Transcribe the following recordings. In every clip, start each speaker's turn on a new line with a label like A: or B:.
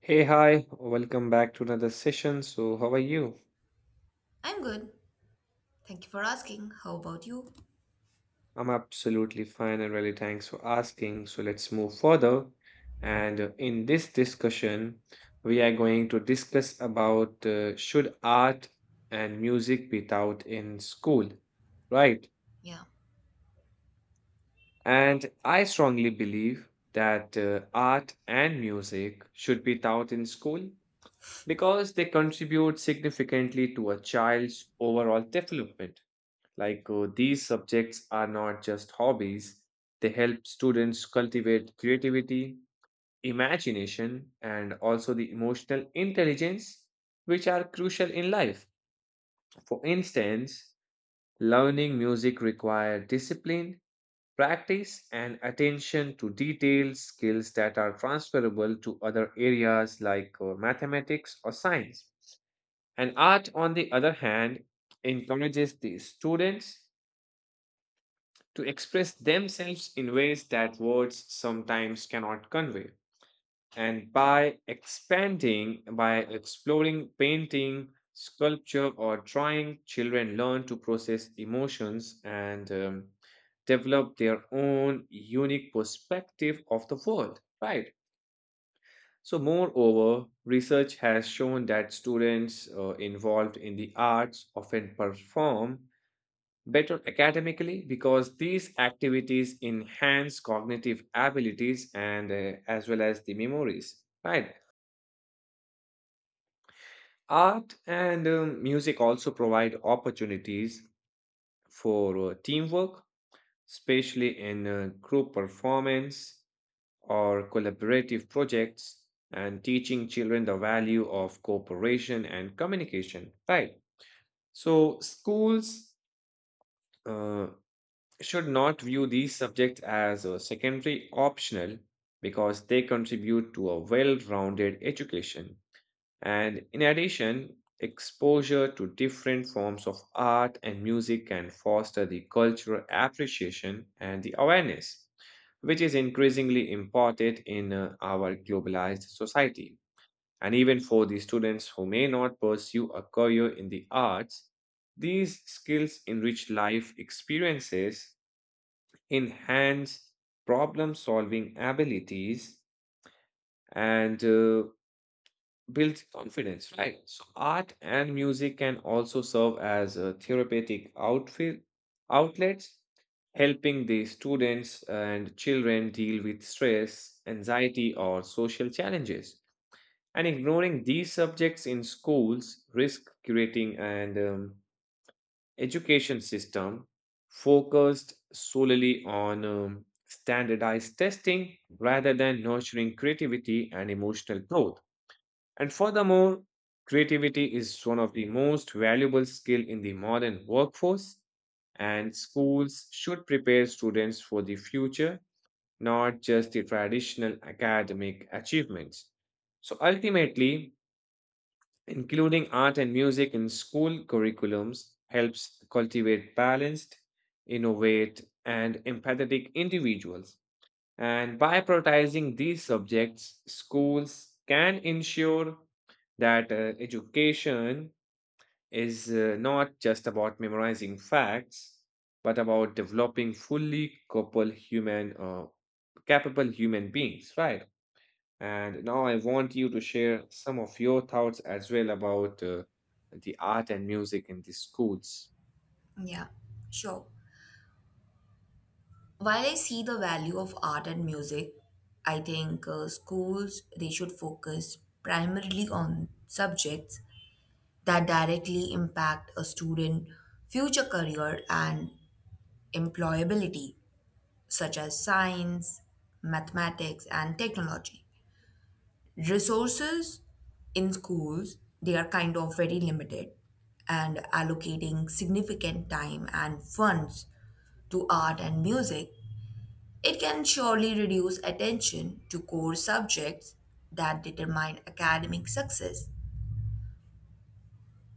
A: Hey, hi, welcome back to another session. So, how are you?
B: I'm good. Thank you for asking. How about you?
A: I'm absolutely fine and really thanks for asking. So, let's move further. And in this discussion, we are going to discuss about should art and music be taught in school, right?
B: Yeah,
A: And I strongly believe that art and music should be taught in school because they contribute significantly to a child's overall development. These subjects are not just hobbies, they help students cultivate creativity, imagination, and also the emotional intelligence, which are crucial in life. For instance, learning music requires discipline, practice, and attention to detail skills that are transferable to other areas like mathematics or science. And art, on the other hand, encourages the students to express themselves in ways that words sometimes cannot convey. And by exploring painting, sculpture, or drawing, children learn to process emotions and develop their own unique perspective of the world, right? So, moreover, research has shown that students involved in the arts often perform better academically because these activities enhance cognitive abilities and as well as the memories, right? Art and music also provide opportunities for teamwork, especially in group performance or collaborative projects, and teaching children the value of cooperation and communication, right? So schools uh, should not view these subjects as a secondary optional because they contribute to a well rounded education. And in addition, exposure to different forms of art and music can foster the cultural appreciation and the awareness, which is increasingly important in our globalized society. And even for the students who may not pursue a career in the arts, these skills enrich life experiences, enhance problem solving abilities, and build confidence, right? So art and music can also serve as therapeutic outfit outlets, helping the students and children deal with stress, anxiety, or social challenges. And ignoring these subjects in schools risk creating and education system focused solely on standardized testing rather than nurturing creativity and emotional growth. And furthermore, creativity is one of the most valuable skill in the modern workforce, and schools should prepare students for the future, not just the traditional academic achievements. So ultimately, including art and music in school curriculums helps cultivate balanced, innovate, and empathetic individuals. And by prioritizing these subjects, schools can ensure that education is not just about memorizing facts, but about developing fully capable human beings, right? And now I want you to share some of your thoughts as well about the art and music in the schools.
B: yeah, sure. While I see the value of art and music, I think schools they should focus primarily on subjects that directly impact a student' future career and employability, such as science, mathematics, and technology. Resources in schools, they are kind of very limited, and allocating significant time and funds to art and music, it can surely reduce attention to core subjects that determine academic success.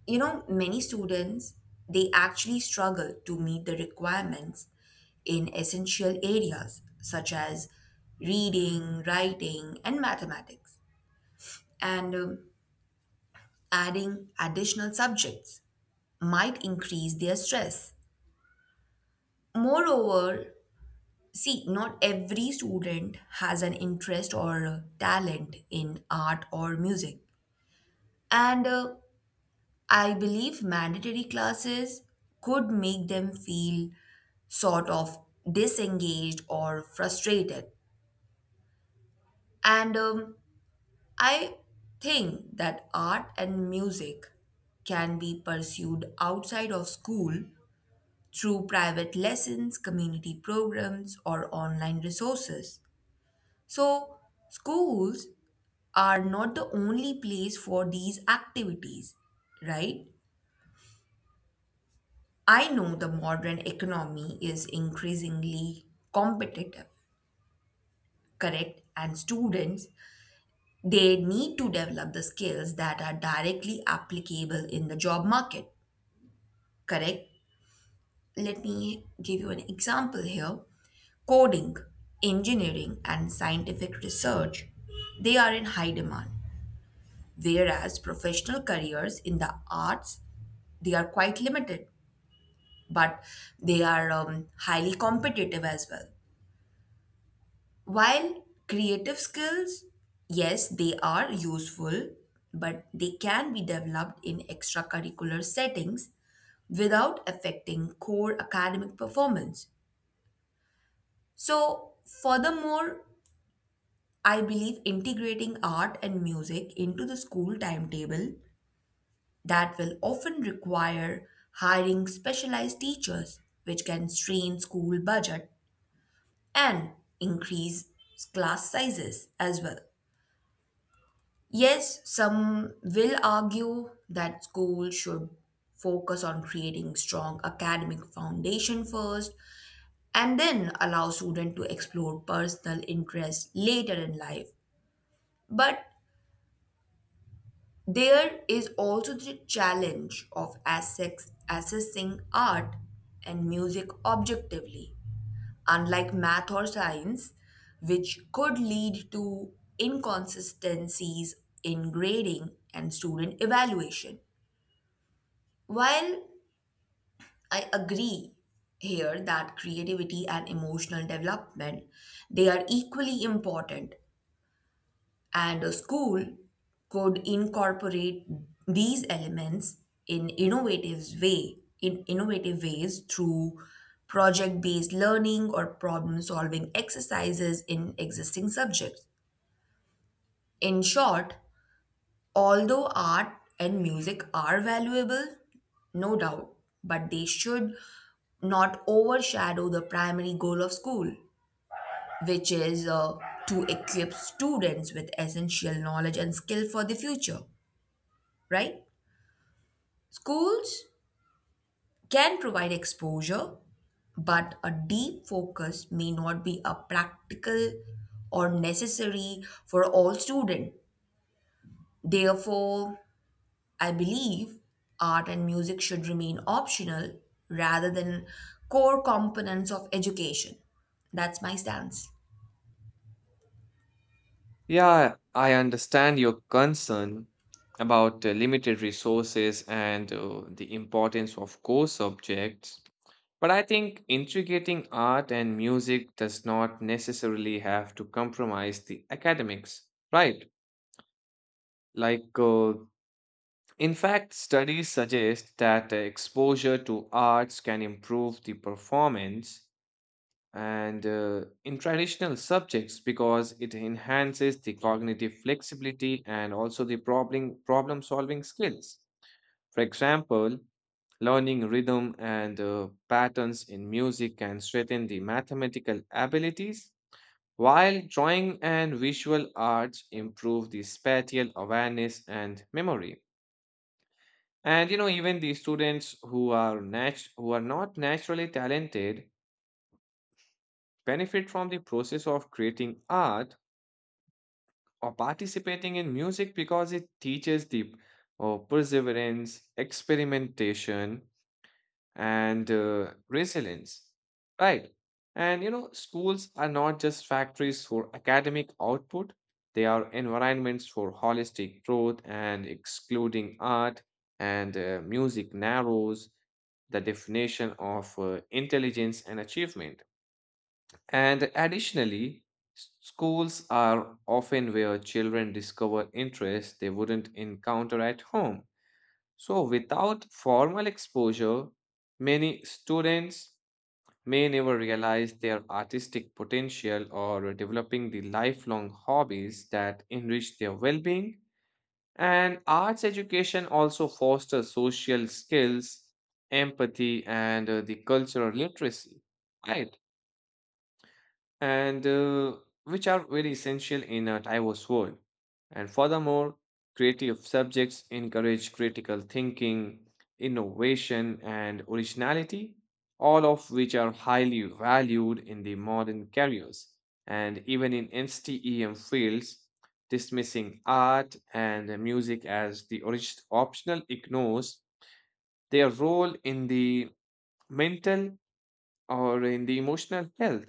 B: You know, many students, they actually struggle to meet the requirements in essential areas such as reading, writing, and mathematics, and adding additional subjects might increase their stress. Moreover, see, not every student has an interest or talent in art or music. And I believe mandatory classes could make them feel sort of disengaged or frustrated. And I think that art and music can be pursued outside of school through private lessons, community programs, or online resources. So, schools are not the only place for these activities, right? I know the modern economy is increasingly competitive, correct? And students, they need to develop the skills that are directly applicable in the job market, correct? Let me give you an example here. Coding, engineering, and scientific research, they are in high demand. Whereas professional careers in the arts, they are quite limited, but they are highly competitive as well. While creative skills, yes, they are useful, but they can be developed in extracurricular settings without affecting core academic performance. So, furthermore, I believe integrating art and music into the school timetable that will often require hiring specialized teachers, which can strain school budget and increase class sizes as well. Yes, some will argue that schools should focus on creating strong academic foundation first and then allow students to explore personal interests later in life. But there is also the challenge of assessing art and music objectively, unlike math or science, which could lead to inconsistencies in grading and student evaluation. While I agree here that creativity and emotional development, they are equally important. And a school could incorporate these elements in innovative ways through project based learning or problem solving exercises in existing subjects. In short, although art and music are valuable, no doubt, but they should not overshadow the primary goal of school, which is to equip students with essential knowledge and skill for the future, right? Schools can provide exposure, but a deep focus may not be a practical or necessary for all students. Therefore, I believe art and music should remain optional rather than core components of education. That's my stance.
A: Yeah, I understand your concern about the limited resources and the importance of core subjects, but I think integrating art and music does not necessarily have to compromise the academics, right? Like uh, In fact, studies suggest that the exposure to arts can improve the performance and in traditional subjects because it enhances the cognitive flexibility and also the problem solving skills. For example, learning rhythm and patterns in music can strengthen the mathematical abilities, while drawing and visual arts improve the spatial awareness and memory. And you know, even the students who are not naturally talented benefit from the process of creating art or participating in music because it teaches the perseverance, experimentation, and resilience, right? And you know, schools are not just factories for academic output, they are environments for holistic growth, and excluding art and music narrows the definition of intelligence and achievement. And additionally, schools are often where children discover interests they wouldn't encounter at home. So, without formal exposure, many students may never realize their artistic potential or developing the lifelong hobbies that enrich their well being. And arts education also fosters social skills, empathy, and the cultural literacy, right? and Which are very essential in a diverse world. And furthermore, creative subjects encourage critical thinking, innovation, and originality, all of which are highly valued in the modern careers and even in STEM fields. Dismissing art and music as the optional ignores their role in the mental or in the emotional health.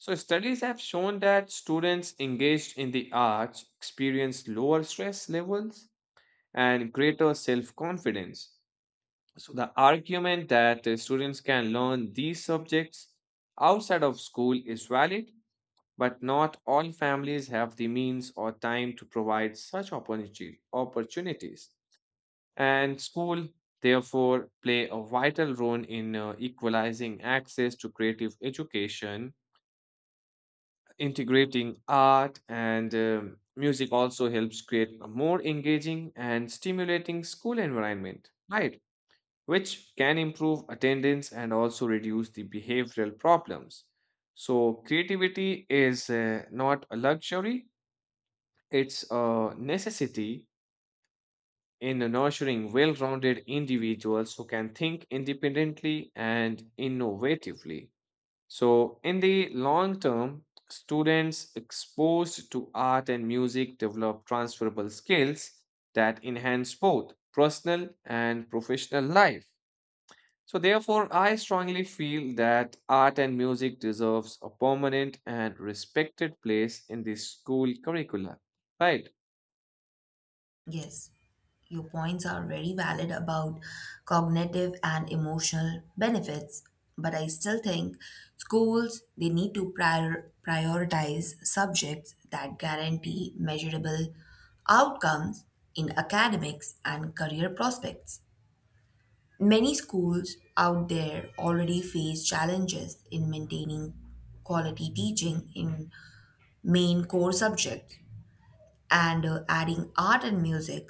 A: So, studies have shown that students engaged in the arts experience lower stress levels and greater self confidence. So, the argument that students can learn these subjects outside of school is valid, but not all families have the means or time to provide such opportunities. And school, therefore, play a vital role in equalizing access to creative education. Integrating art and music also helps create a more engaging and stimulating school environment, right? Which can improve attendance and also reduce the behavioral problems. So, creativity is not a luxury, it's a necessity in nurturing well rounded individuals who can think independently and innovatively. So, in the long term, students exposed to art and music develop transferable skills that enhance both personal and professional life. So, therefore, I strongly feel that art and music deserves a permanent and respected place in the school curricula. Right.
B: Yes. Your points are very valid about cognitive and emotional benefits, but I still think schools they need to prioritize subjects that guarantee measurable outcomes in academics and career prospects. Many schools out there already face challenges in maintaining quality teaching in main core subjects, and adding art and music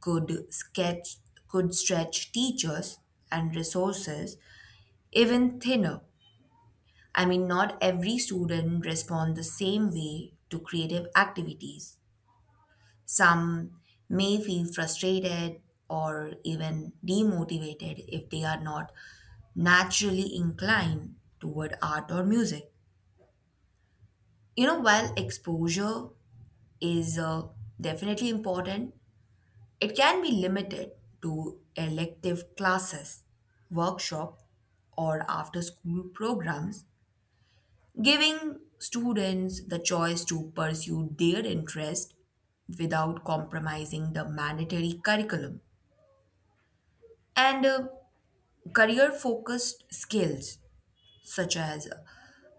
B: could sketch could stretch teachers and resources even thinner. I mean, not every student respond the same way to creative activities. Some may feel frustrated or even demotivated if they are not naturally inclined toward art or music. You know, while exposure is definitely important, it can be limited to elective classes, workshop, or after school programs, giving students the choice to pursue their interest without compromising the mandatory curriculum. And career focused skills such as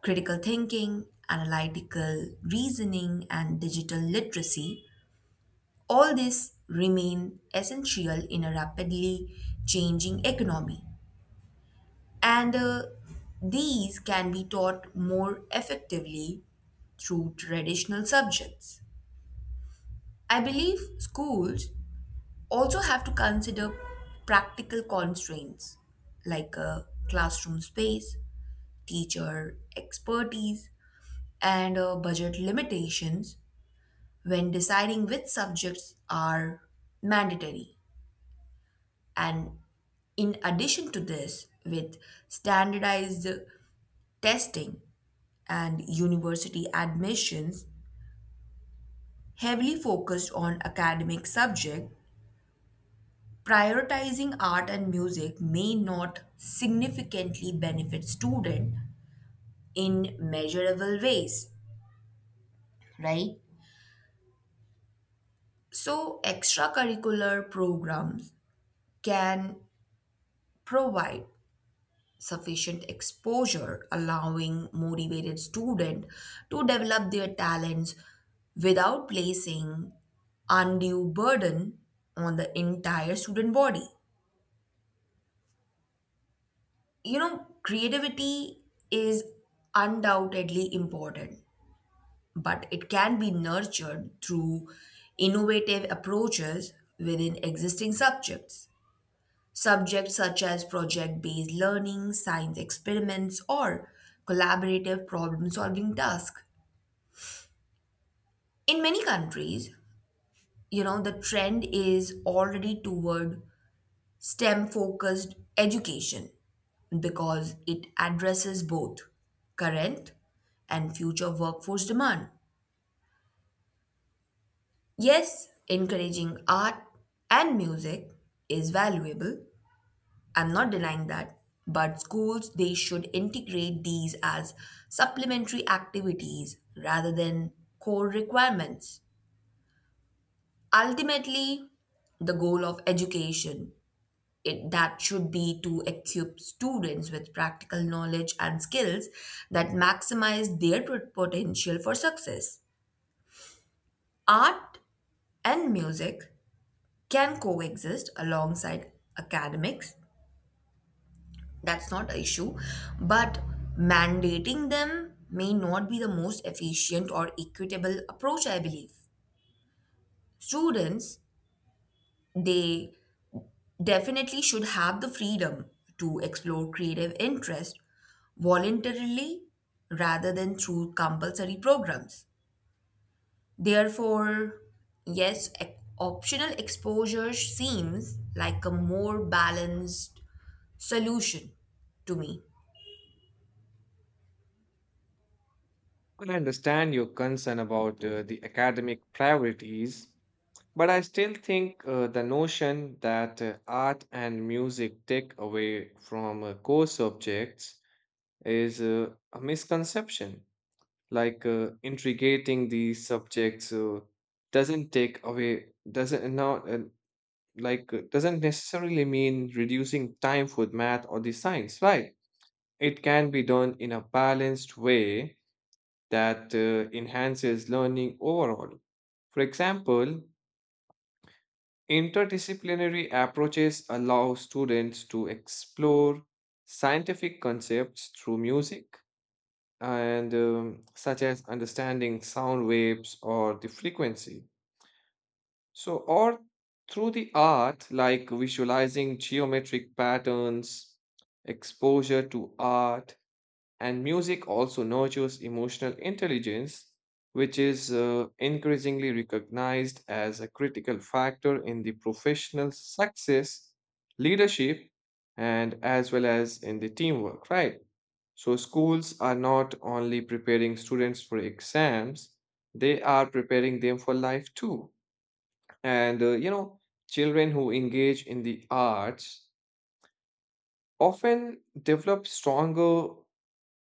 B: critical thinking, analytical reasoning, and digital literacy, all this remain essential in a rapidly changing economy. And These can be taught more effectively through traditional subjects. I believe schools also have to consider practical constraints like a classroom space, teacher expertise, and budget limitations when deciding which subjects are mandatory. And in addition to this, with standardized testing and university admissions heavily focused on academic subject, prioritizing art and music may not significantly benefit student in measurable ways, right? So extracurricular programs can provide sufficient exposure, allowing motivated students to develop their talents without placing undue burden on the entire student body. You know, creativity is undoubtedly important, but it can be nurtured through innovative approaches within existing subjects. Subjects such as project based learning, science experiments, or collaborative problem solving tasks. In many countries, you know, the trend is already toward STEM focused education because it addresses both current and future workforce demand. Yes, encouraging art and music is valuable, I'm not denying that, but schools they should integrate these as supplementary activities rather than core requirements. Ultimately, the goal of education, it, that should be to equip students with practical knowledge and skills that maximize their potential for success. Art and music can coexist alongside academics. That's not an issue. But mandating them may not be the most efficient or equitable approach, I believe. Students, they definitely should have the freedom to explore creative interest voluntarily rather than through compulsory programs. Therefore, yes, optional exposure seems like a more balanced solution to me.
A: I understand your concern about the academic priorities, but I still think the notion that art and music take away from core subjects is a misconception. Integrating these subjects doesn't take away, doesn't not like doesn't necessarily mean reducing time for math or the science, right? It can be done in a balanced way that enhances learning overall. For example, interdisciplinary approaches allow students to explore scientific concepts through music and such as understanding sound waves or the frequency. So, or through the art, like visualizing geometric patterns, exposure to art, and music also nurtures emotional intelligence, which is increasingly recognized as a critical factor in the professional success, leadership, and as well as in the teamwork, right? So, schools are not only preparing students for exams, they are preparing them for life too. And, you know, children who engage in the arts often develop stronger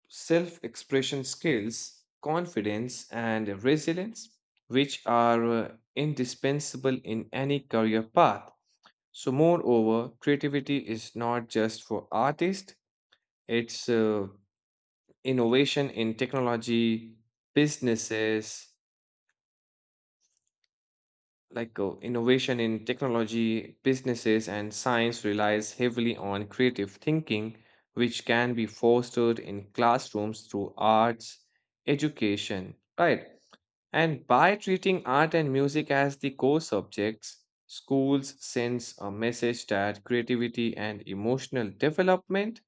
A: self expression skills, confidence, and resilience, which are indispensable in any career path. So, moreover, creativity is not just for artists, it's innovation in technology, businesses, innovation in technology, businesses, and science relies heavily on creative thinking, which can be fostered in classrooms through arts, education, right? And by treating art and music as the core subjects, schools sends a message that creativity and emotional development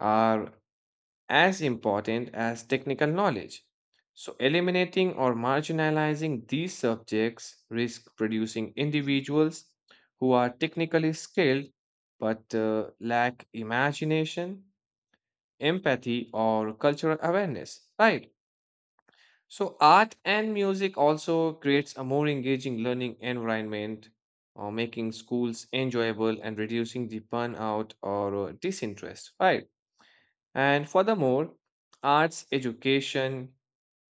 A: are as important as technical knowledge. So, eliminating or marginalizing these subjects risk producing individuals who are technically skilled but lack imagination, empathy, or cultural awareness, right? So art and music also creates a more engaging learning environment, making schools enjoyable and reducing the burnout or disinterest, right? And furthermore, arts education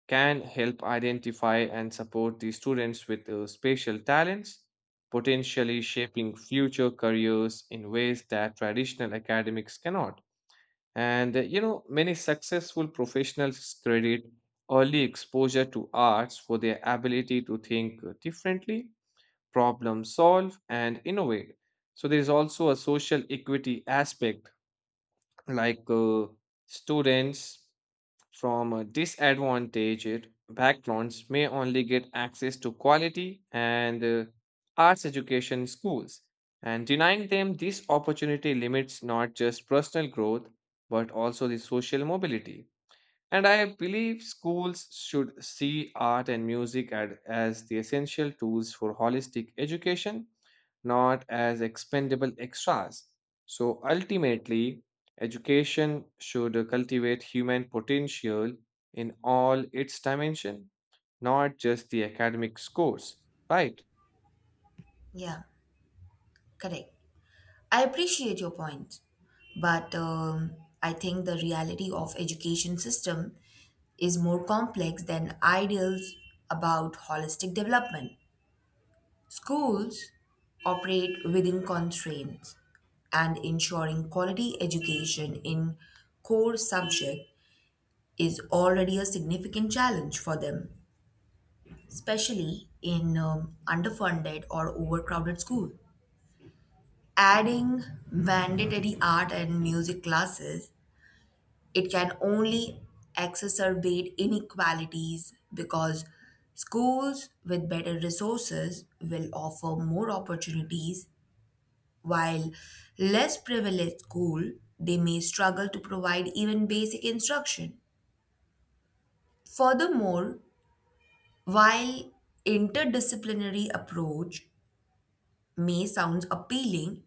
A: can help identify and support the students with special talents, potentially shaping future careers in ways that traditional academics cannot. And you know, many successful professionals credit early exposure to arts for their ability to think differently, problem solve, and innovate. So, there is also a social equity aspect, like uh, students from a disadvantaged backgrounds may only get access to quality and arts education in schools. And denying them this opportunity limits not just personal growth, but also the social mobility. And I believe schools should see art and music as the essential tools for holistic education, not as expendable extras. So ultimately, education should cultivate human potential in all its dimension, not just the academic scores, right?
B: Yeah, correct. I appreciate your point, but I think the reality of education system is more complex than ideals about holistic development. Schools operate within constraints, and ensuring quality education in core subject is already a significant challenge for them, especially in underfunded or overcrowded school. Adding mandatory art and music classes, it can only exacerbate inequalities because schools with better resources will offer more opportunities, while less privileged school, they may struggle to provide even basic instruction. Furthermore, while interdisciplinary approach may sound appealing,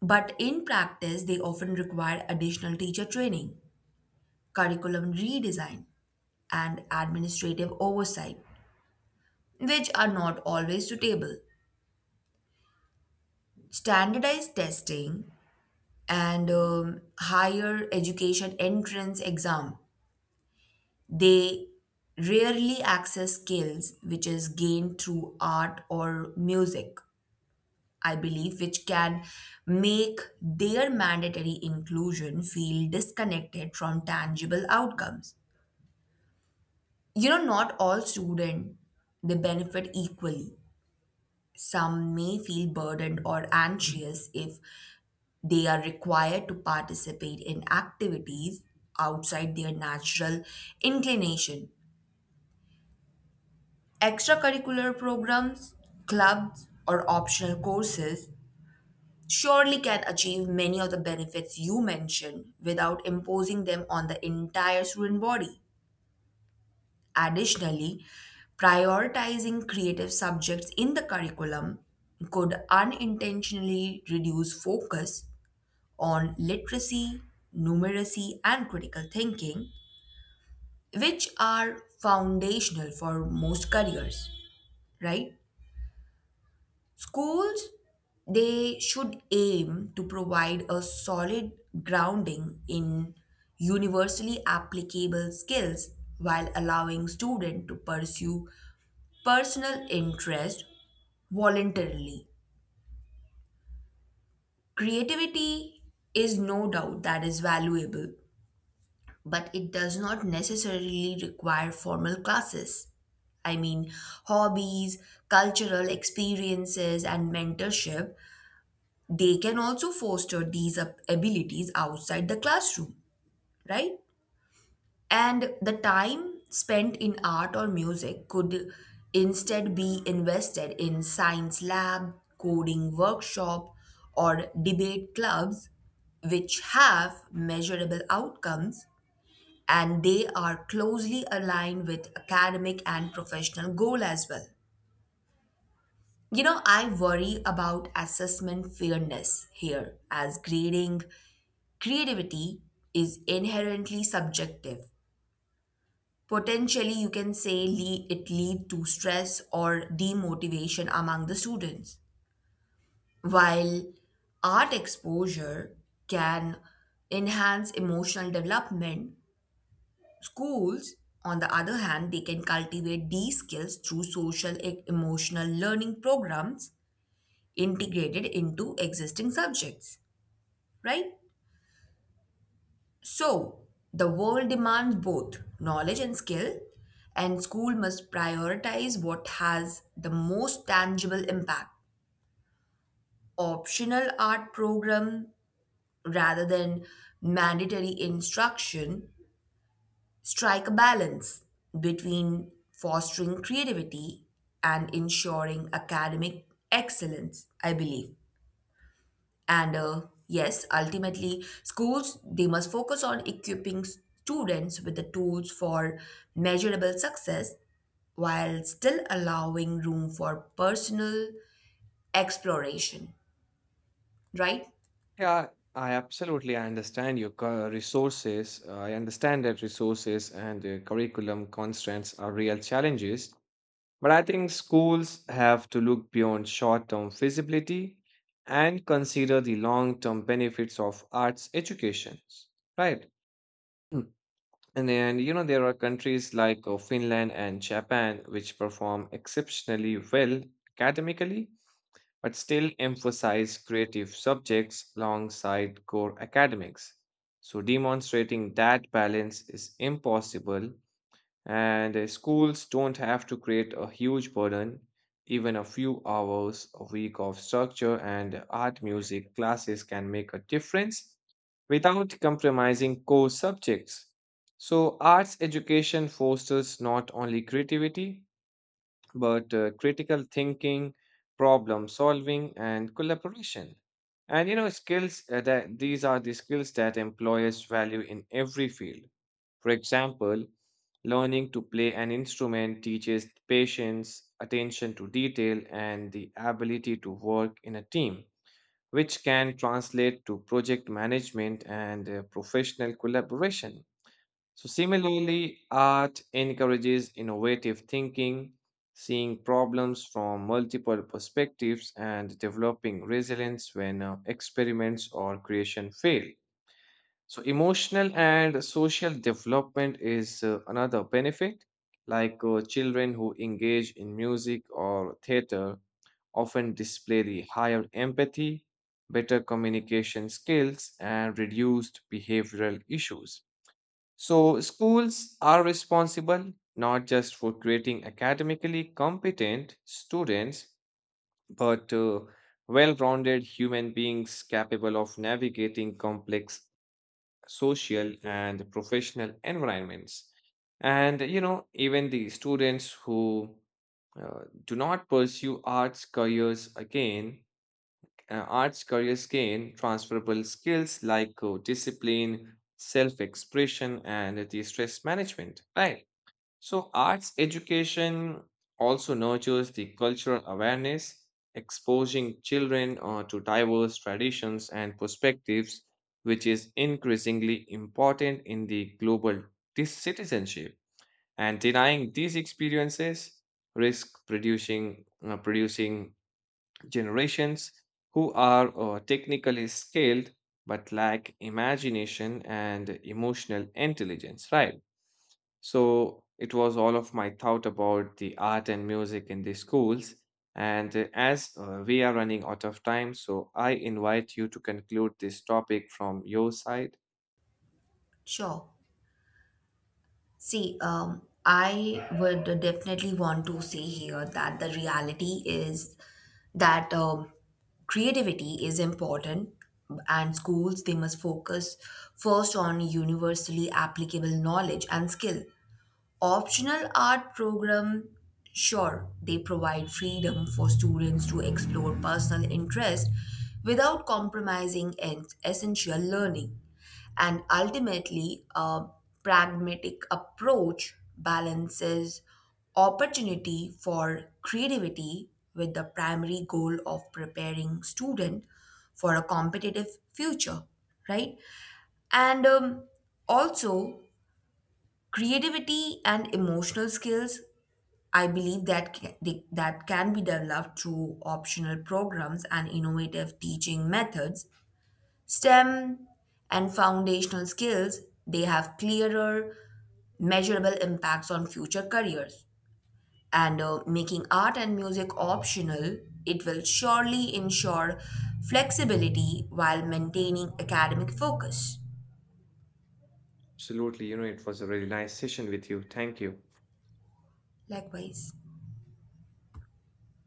B: but in practice they often require additional teacher training, curriculum redesign, and administrative oversight, which are not always suitable. Standardized testing and higher education entrance exam, they rarely access skills which is gained through art or music, I believe, which can make their mandatory inclusion feel disconnected from tangible outcomes. You know, not all students, they benefit equally. Some may feel burdened or anxious if they are required to participate in activities outside their natural inclination. Extracurricular programs, clubs, or optional courses surely can achieve many of the benefits you mentioned without imposing them on the entire student body. Additionally, prioritizing creative subjects in the curriculum could unintentionally reduce focus on literacy, numeracy, and critical thinking, which are foundational for most careers, right? Schools, they should aim to provide a solid grounding in universally applicable skills while allowing students to pursue personal interest voluntarily. Creativity is no doubt that is valuable, but it does not necessarily require formal classes. I mean, hobbies, cultural experiences, and mentorship, they can also foster these abilities outside the classroom, right? And the time spent in art or music could instead be invested in science lab, coding workshop, or debate clubs, which have measurable outcomes and they are closely aligned with academic and professional goal as well. You know, I worry about assessment fairness here, as grading creativity is inherently subjective, potentially you can say it lead to stress or demotivation among the students. While art exposure can enhance emotional development, schools, on the other hand, they can cultivate these skills through social emotional learning programs integrated into existing subjects, right? So, the world demands both knowledge and skill, and school must prioritize what has the most tangible impact. Optional art program rather than mandatory instruction strike a balance between fostering creativity and ensuring academic excellence, I believe. And Yes, ultimately, schools they must focus on equipping students with the tools for measurable success while still allowing room for personal exploration, right?
A: Yeah, I absolutely understand your cur- resources. I understand that resources and curriculum constraints are real challenges. But I think schools have to look beyond short term feasibility and consider the long term benefits of arts education. Right. Mm. And then, you know, there are countries like Finland and Japan which perform exceptionally well academically, but still emphasize creative subjects alongside core academics. So, demonstrating that balance is impossible and schools don't have to create a huge burden. Even a few hours a week of structure and art music classes can make a difference without compromising core subjects. So, arts education fosters not only creativity but critical thinking, problem solving, and collaboration. And you know, skills that these are the skills that employers value in every field. For example, learning to play an instrument teaches patience, attention to detail, and the ability to work in a team, which can translate to project management and professional collaboration. So, similarly, art encourages innovative thinking, seeing problems from multiple perspectives, and developing resilience when experiments or creation fail. So, emotional and social development is another benefit. Children who engage in music or theater often display the higher empathy, better communication skills, and reduced behavioral issues. So, schools are responsible not just for creating academically competent students, but well rounded human beings capable of navigating complex social and professional environments. And you know, even the students who do not pursue arts careers again, arts careers gain transferable skills like discipline, self expression, and the stress management, right? So, arts education also nurtures the cultural awareness, exposing children to diverse traditions and perspectives, which is increasingly important in the global citizenship. And denying these experiences risk producing generations who are technically skilled but lack imagination and emotional intelligence, right? So it was all of my thought about the art and music in the schools. And as we are running out of time, so I invite you to conclude this topic from your side.
B: Sure. See, I would definitely want to say here that the reality is that creativity is important, and schools they must focus first on universally applicable knowledge and skill. Optional art program, sure they provide freedom for students to explore personal interest without compromising essential learning. And ultimately, a pragmatic approach balances opportunity for creativity with the primary goal of preparing student for a competitive future, right? And Also, creativity and emotional skills, I believe that that can be developed through optional programs and innovative teaching methods. STEM and foundational skills, they have clearer, measurable impacts on future careers. And Making art and music optional, it will surely ensure flexibility while maintaining academic focus.
A: Absolutely, you know, it was a really nice session with you. Thank you.
B: Likewise.